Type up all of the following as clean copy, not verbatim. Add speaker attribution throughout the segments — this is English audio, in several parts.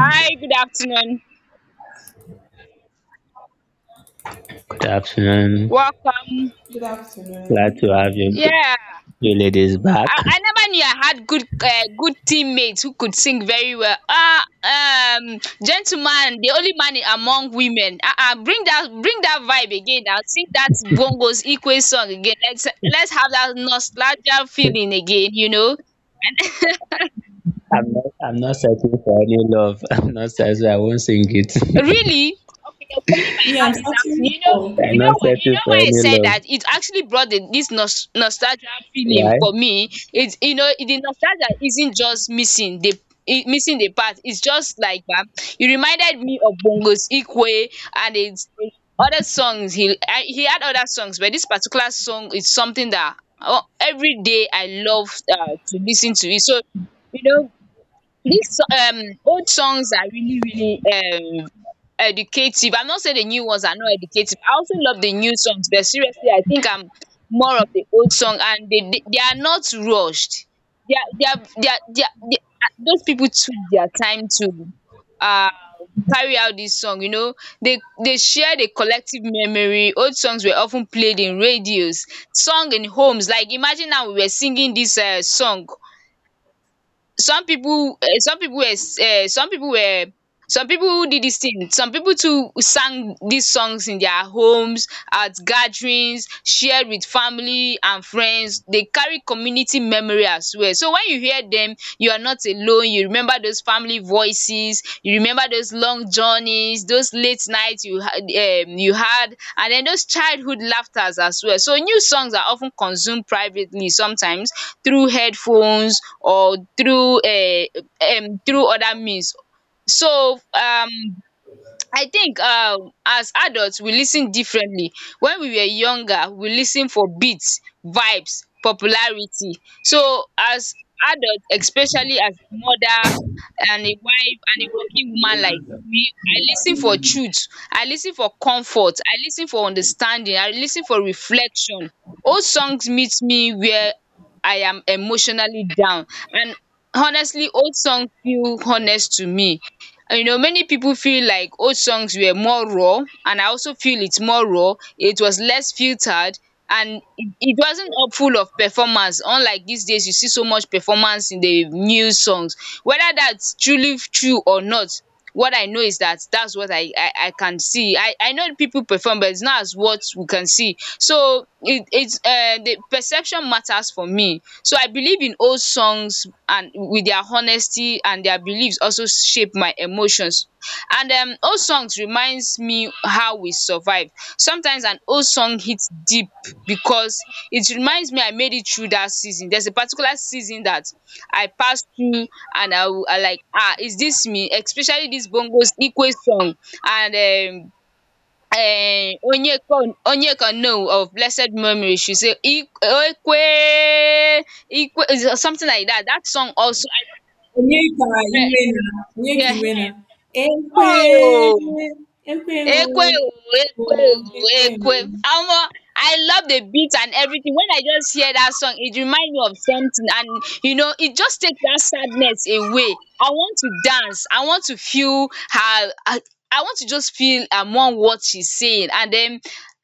Speaker 1: Hi, good afternoon.
Speaker 2: Good afternoon.
Speaker 1: Welcome.
Speaker 3: Good
Speaker 2: Glad to
Speaker 3: afternoon.
Speaker 2: have you,
Speaker 1: Yeah,
Speaker 2: ladies back.
Speaker 1: I never knew I had good good teammates who could sing very well. Gentleman, the only man among women. Bring that vibe again. Now sing that bongos equal song again. Let's have that nostalgia feeling again, you know.
Speaker 2: I'm not searching for any love. I'm not searching. I won't sing it.
Speaker 1: Really? Okay, you're calling my
Speaker 3: Me, I'm
Speaker 1: hand this afternoon.
Speaker 3: starting from
Speaker 2: I'm
Speaker 1: You
Speaker 2: not
Speaker 1: know why? You
Speaker 2: searching
Speaker 1: know
Speaker 2: for
Speaker 1: why I
Speaker 2: any
Speaker 1: said that?
Speaker 2: love.
Speaker 1: It actually brought this nostalgia feeling
Speaker 2: Why?
Speaker 1: for me. It's, you know, the nostalgia isn't just missing missing the part. It's just like, you reminded me of Bongo's Ikwe and it's other songs. He had other songs, but this particular song is something that, every day I love to listen to it. So you know, these old songs are really, really um educative. I'm not saying the new ones are not educative. I also love the new songs, but seriously, I think I'm more of the old song, and they are not rushed. They are, those people took their time to uh carry out this song, you know. They share the collective memory. Old songs were often played in radios, sung in homes. Like imagine now we were singing this, song. some people um some people were um some people were some people did this thing, some people too sang these songs in their homes at gatherings, shared with family and friends. They carry community memory as well, so when you hear them, you are not alone. You remember those family voices, you remember those long journeys, those late you had, and then those childhood laughters as well. So new songs are of ten consumed privately, sometimes through headphones or through through other means. So, I think, as adults we listen differently. When we were younger, we listen for beats, vibes, popularity. So as adults, especially as a mother and a wife and a working woman like me, I listen for truth, I listen for comfort, I listen for understanding, I listen for reflection. Old songs meet me where I am emotionally down, and honestly, old songs feel honest to me. You know, many people feel like old songs were more raw, and I also feel it's more raw. It was less filtered, and it wasn't up full of performance. Unlike these days, you see so much performance in the new songs. Whether that's truly true or not, what I know is that that's what I can see. I know people perform, but it's not as what we can see. So it it's the perception matters for me. So I believe in old songs, and with their honesty and their beliefs also shape my emotions. And, old songs reminds me how we survived. Sometimes an old song hits deep because it reminds me I made it through that season. There's a particular season that I passed through, and I will, I like, ah, is this me, especially this Bongos Ikwe song. And eh Onyeka, no, of blessed memory, she say ik Ekwe Ikwe, is something like that. That song also I,
Speaker 3: Onyeka
Speaker 1: um
Speaker 3: Iwena. Onyeka Iwena.
Speaker 1: ehen
Speaker 3: Ekwe,
Speaker 1: oh,
Speaker 3: ekwe o,
Speaker 1: Ekwe oh,
Speaker 3: o, ekwe o.
Speaker 1: ekwe oh, omo, I love the beat and everything. When I just hear that song, it remind me of something, and you know, it just takes that sadness away. I want to dance. I want to feel I want to just feel among what she's saying, and then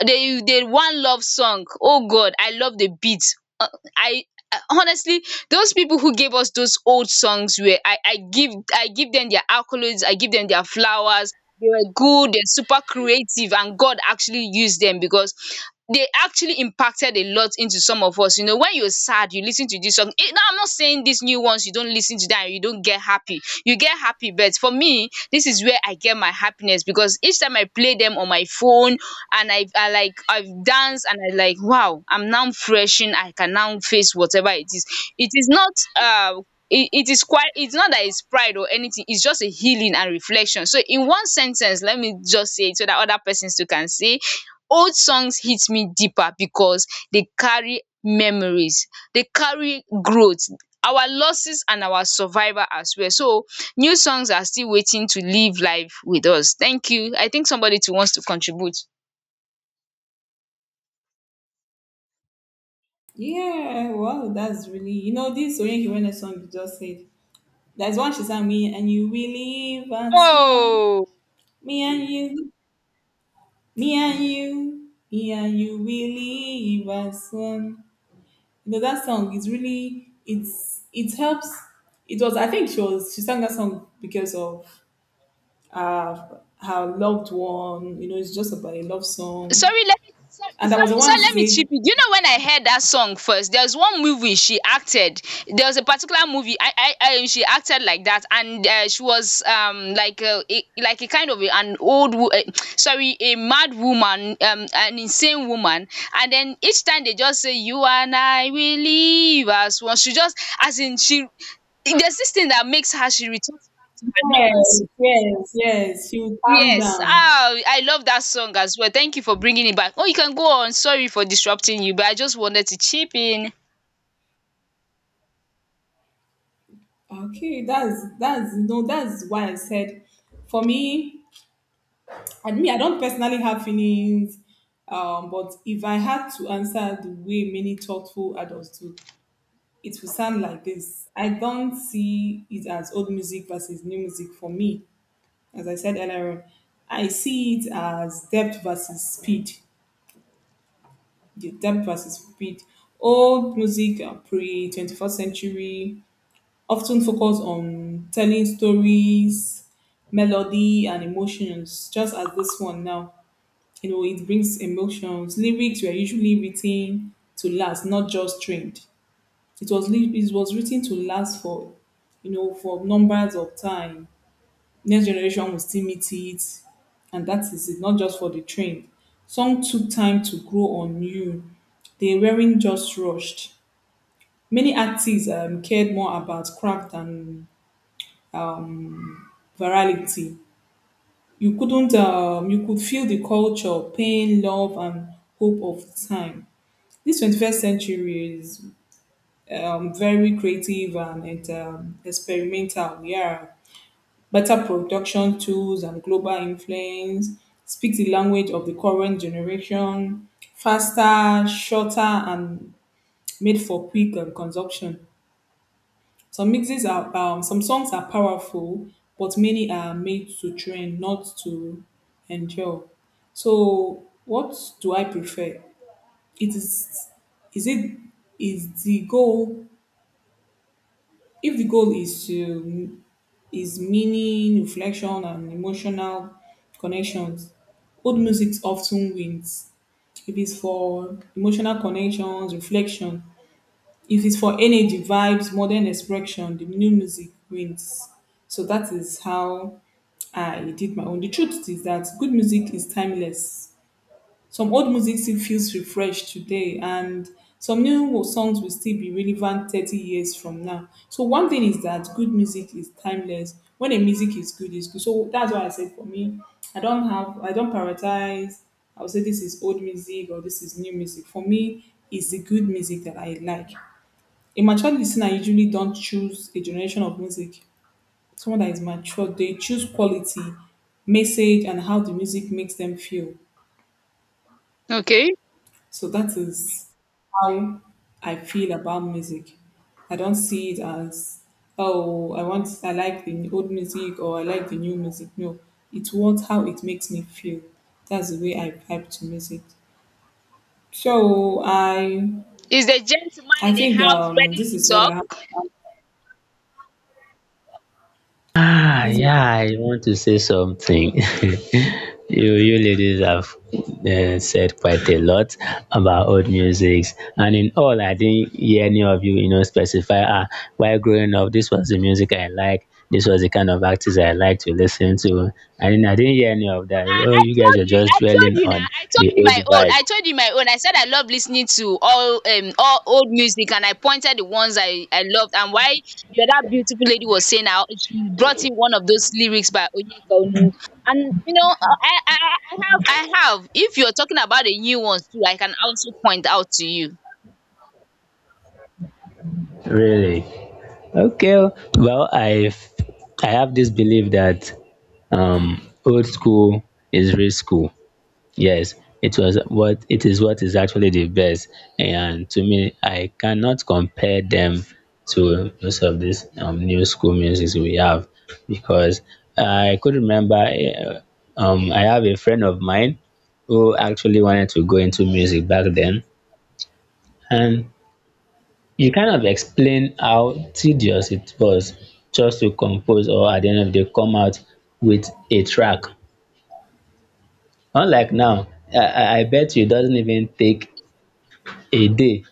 Speaker 1: the one love song. Oh god, I love the beat. Uh, I honestly, those people who gave us those old songs, where I give them their accolades, I give them their flowers, they were good, they're super creative, and God actually used them, because they actually impacted a lot into some of us. You know, when you're sad, you listen to this song. Eh, now, I'm not saying these new ones, you don't listen to that, you don't get happy. You get happy, but for me, this is where I get my happiness, because each time I play them on my phone and I like, I've danced and I like, wow, I'm now freshen. I can now face whatever it is. It is not uh it is quite, it's not that it's pride or anything, it's just a healing and reflection. So in one sentence, let me just say it so that other persons too can say: old songs hit me deeper because they carry memories, they carry growth, our losses and our survival as well. So new songs are still waiting to live life with us. Thank you. I think somebody too wants to contribute.
Speaker 3: Yeah, wow, that's really, you know, this Onyeka Iwena song you just said. There's one she sang, me and you, we live at one.
Speaker 1: Oh,
Speaker 3: Me and you, me and you, me and you, we live as one. You know, that song is really, it helps. It was, I think she was, she sang that song because of uh her loved one. You know, it's just about a love song,
Speaker 1: sorry, let me, sorry
Speaker 3: and that was
Speaker 1: sorry
Speaker 3: the
Speaker 1: sorry
Speaker 3: one
Speaker 1: let me chip
Speaker 3: she
Speaker 1: you.
Speaker 3: said.
Speaker 1: Do you know, when I heard that song first, there was one movie she acted. There was a particular movie I she acted like that, and she was, like a like a kind of an old sorry, a mad woman, an insane woman. And then each time they just say you and I will live as one, she just, as in, she, there's this thing that makes her, she returns back to her
Speaker 3: Yes,
Speaker 1: normalcy.
Speaker 3: yes, yes, she will calm
Speaker 1: Yes,
Speaker 3: down.
Speaker 1: ah, I love that song as well. Thank you for bringing it back. Oh, you can go on. Sorry for disrupting you, but I just wanted to chip in.
Speaker 3: Okay, that's no, that's why I said, for me, I mean, I don't personally have feelings, but if I had to answer the way many thoughtful adults do, it will sound like this. I don't see it as old music versus new music for me. As I said earlier, on, I see it as depth versus speed. The depth versus speed. Old music, pre 21st century, often focus on telling stories, melody, and emotions, just as this one now. You know, it brings emotions. Lyrics were usually written to last, not just trained. It was written to last for, you know, for numbers of time. Next generation will still meet it, and that is it. Not just for the trend. Some took time to grow on you. They weren't just rushed. Many artists cared more about craft than um, virality. You couldn't You could feel the culture, pain, love, and hope of the time. This 21st century is very creative and, and experimental. Yeah. Better production tools and global influence speak the language of the current generation, faster, shorter, and made for quick consumption. Some songs are powerful, but many are made to trend, not to endure. So, what do I prefer? It is it is the goal, if the goal is to, is meaning, reflection, and emotional connections, old music often wins. If it's for emotional connections, reflection, if it's for energy, vibes, modern expression, the new music wins. So that is how I did my own. The truth is that good music is timeless. Some old music still feels refreshed today, and some songs will still be relevant 30 years from now. So, one thing is that good music is timeless. When a music is good, it's good. So, that's why I said, for me, I don't prioritize, I would say this is old music or this is new music. For me, it's the good music that I like. A mature listener usually don't choose a generation of music. Someone that is mature, they choose quality, message, and how the music makes them feel.
Speaker 1: Okay.
Speaker 3: So that is how I feel about music. I don't see it as, oh, I like the old music or I like the new music. No, it's what how it makes me feel. That's the way I vibe to music. So
Speaker 1: Is the gentleman
Speaker 3: I
Speaker 1: in the
Speaker 3: think
Speaker 1: house ready
Speaker 3: this
Speaker 1: to
Speaker 3: is what I have.
Speaker 1: talk?
Speaker 2: Ah,
Speaker 3: This is
Speaker 2: yeah, I want to say something. You ladies have said quite a lot about old musics, and in all, I didn't hear any of you, you know, specify. Ah, while growing up, this was the music I like. This was the kind of artists I like to listen to. I didn't hear any of that. Oh, you guys were just
Speaker 1: I told
Speaker 2: dwelling
Speaker 1: you now,
Speaker 2: on
Speaker 1: I told
Speaker 2: the
Speaker 1: you
Speaker 2: old
Speaker 1: my own,
Speaker 2: vibe,
Speaker 1: I told you my own. I said I love listening to all, all old music, and I pointed the ones I loved, and why the other beautiful lady was saying how she brought in one of those lyrics by Onyeka Onu. And you know, I have. If you're talking about the new ones too, I can also point out to you.
Speaker 2: really. Okay, well, I have this belief that old school is real school. Yes, it was what it is actually the best. And to me, I cannot compare them to most of these new school musics we have because I could remember I have a friend of mine who actually wanted to go into music back then. And you kind of explain how tedious it was just to compose or at the end of the day come out with a track. Unlike now, I bet you it doesn't even take a day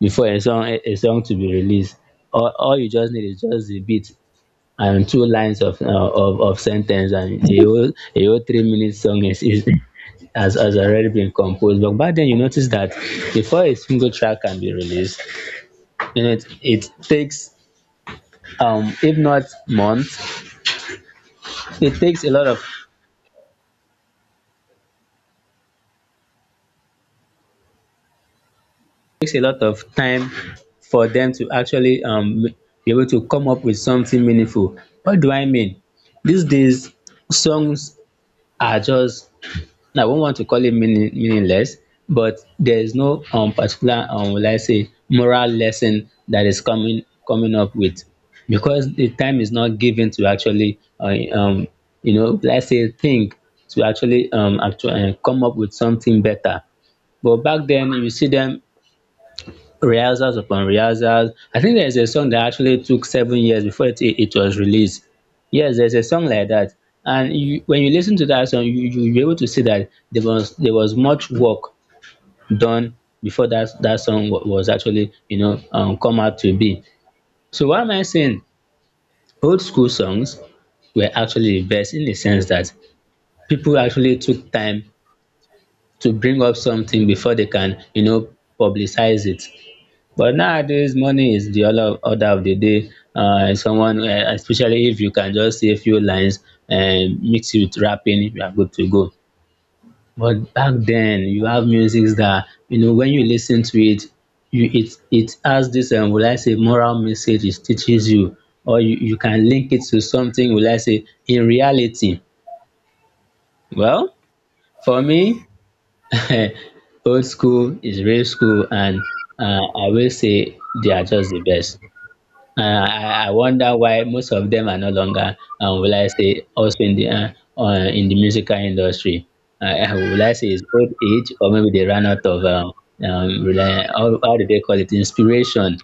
Speaker 2: before a song to be released. All you just need is just the beat and two lines of sentence, and a whole 3 minute song has already been composed. But back then you notice that before a single track can be released, you know, it takes, if not months, it takes a lot of takes a lot of time for them to actually be able to come up with something meaningful. What do I mean? These days songs are just, I won't want to call it meaningless, but there is no particular, will I say, moral lesson that is coming up with, because the time is not given to actually, you know, let's say think, to actually actually come up with something better. But back then you see them, rehearsals upon rehearsals. I think there's a song that actually took 7 years before it was released. Yes, there's a song like that. And you, when you listen to that song, you, you'll be able to see that there was much work done before that song was actually, you know, come out to be. So what am I saying? Old school songs were actually the best in the sense that people actually took time to bring up something before they can, you know, publicize it. But nowadays, money is the order of the day. Especially if you can just say a few lines and mix it with rapping, you are good to go. But back then, you have music that, you know, when you listen to it, you it it has this, will I say, moral message. It teaches you, or you can link it to something, will I say, in reality. Well, for me, old school is real school, and I will say they are just the best. Uh, I wonder why most of them are no longer, will I say, also in the musical industry. Will I say it's old age, or maybe they ran out of, how, do they call it, inspiration?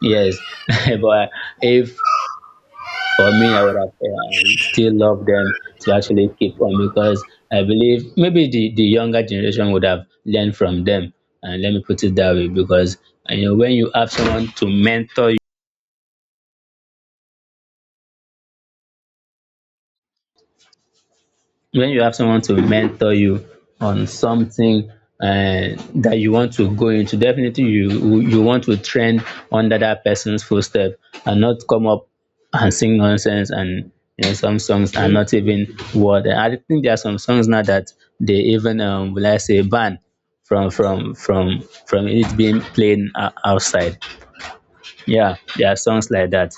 Speaker 2: Yes, but if, for me, I would have, still loved them to actually keep on, because I believe maybe the younger generation would have learned from them. And let me put it that way, because you know, when you have someone to mentor you on something that you want to go into, definitely you want to trend under that person's footstep and not come up and sing nonsense. And you know, some songs are not even what, I think there are some songs now that they even, will I say, ban from from it being played outside. Yeah, there are songs like that.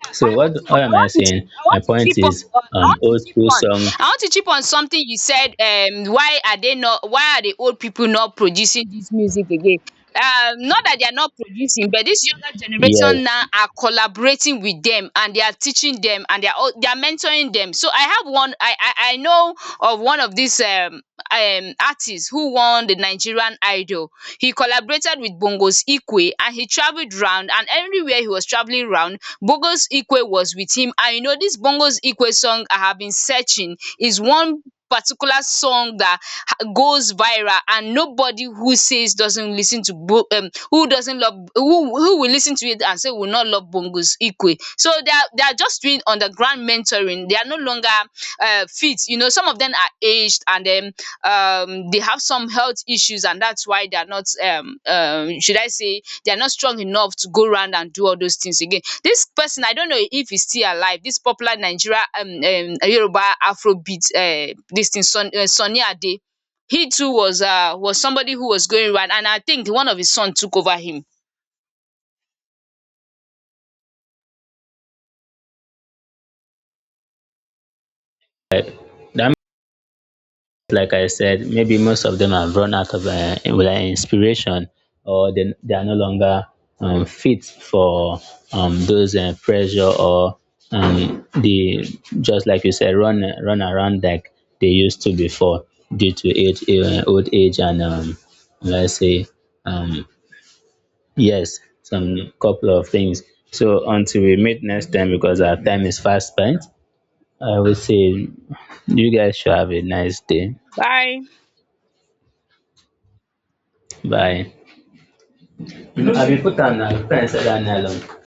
Speaker 1: Yeah,
Speaker 2: So what
Speaker 1: I
Speaker 2: am I
Speaker 1: want to chip
Speaker 2: saying?
Speaker 1: I
Speaker 2: My
Speaker 1: want to
Speaker 2: point
Speaker 1: chip
Speaker 2: is,
Speaker 1: on
Speaker 2: old school songs.
Speaker 1: I want to chip on something you said. Why are they not, why are the old people not producing this music again? Not that they are not producing, but this younger
Speaker 2: Yeah.
Speaker 1: generation now are collaborating with them, and they are teaching them, and they are they are mentoring them. So I have I know of one of these, artists who won the Nigerian Idol. He collaborated with Bongos Ikwe, and he traveled round, and everywhere he was traveling round, Bongos Ikwe was with him. And you know, this Bongos Ikwe song I have been searching is one particular song that goes viral, and nobody who says doesn't listen to who doesn't love, who will listen to it and say will not love Bongos Ikwe. So they are just doing underground mentoring. They are no longer, fit. You know, some of them are aged, and then, they have some health issues, and that's why they are not, should I say, they are not strong enough to go around and do all those things again. This person, I don't know if he's still alive. This popular Nigeria, Yoruba Afrobeat, this thing, Sunny Ade. He too was, was somebody who was going around, and I think one of his son took over him.
Speaker 2: That means, like I said, maybe most of them have run out of, whether inspiration, or they are no longer, fit for, those, pressure, or the just like you said, run around like they used to before, due to age, old age, and, let's say, um, yes, some couple of things. So until we meet next time, because our time is fast spent, I would say you guys should have a nice day.
Speaker 1: Bye.
Speaker 2: Bye. Habis petang lah. Bukan saat dah alam.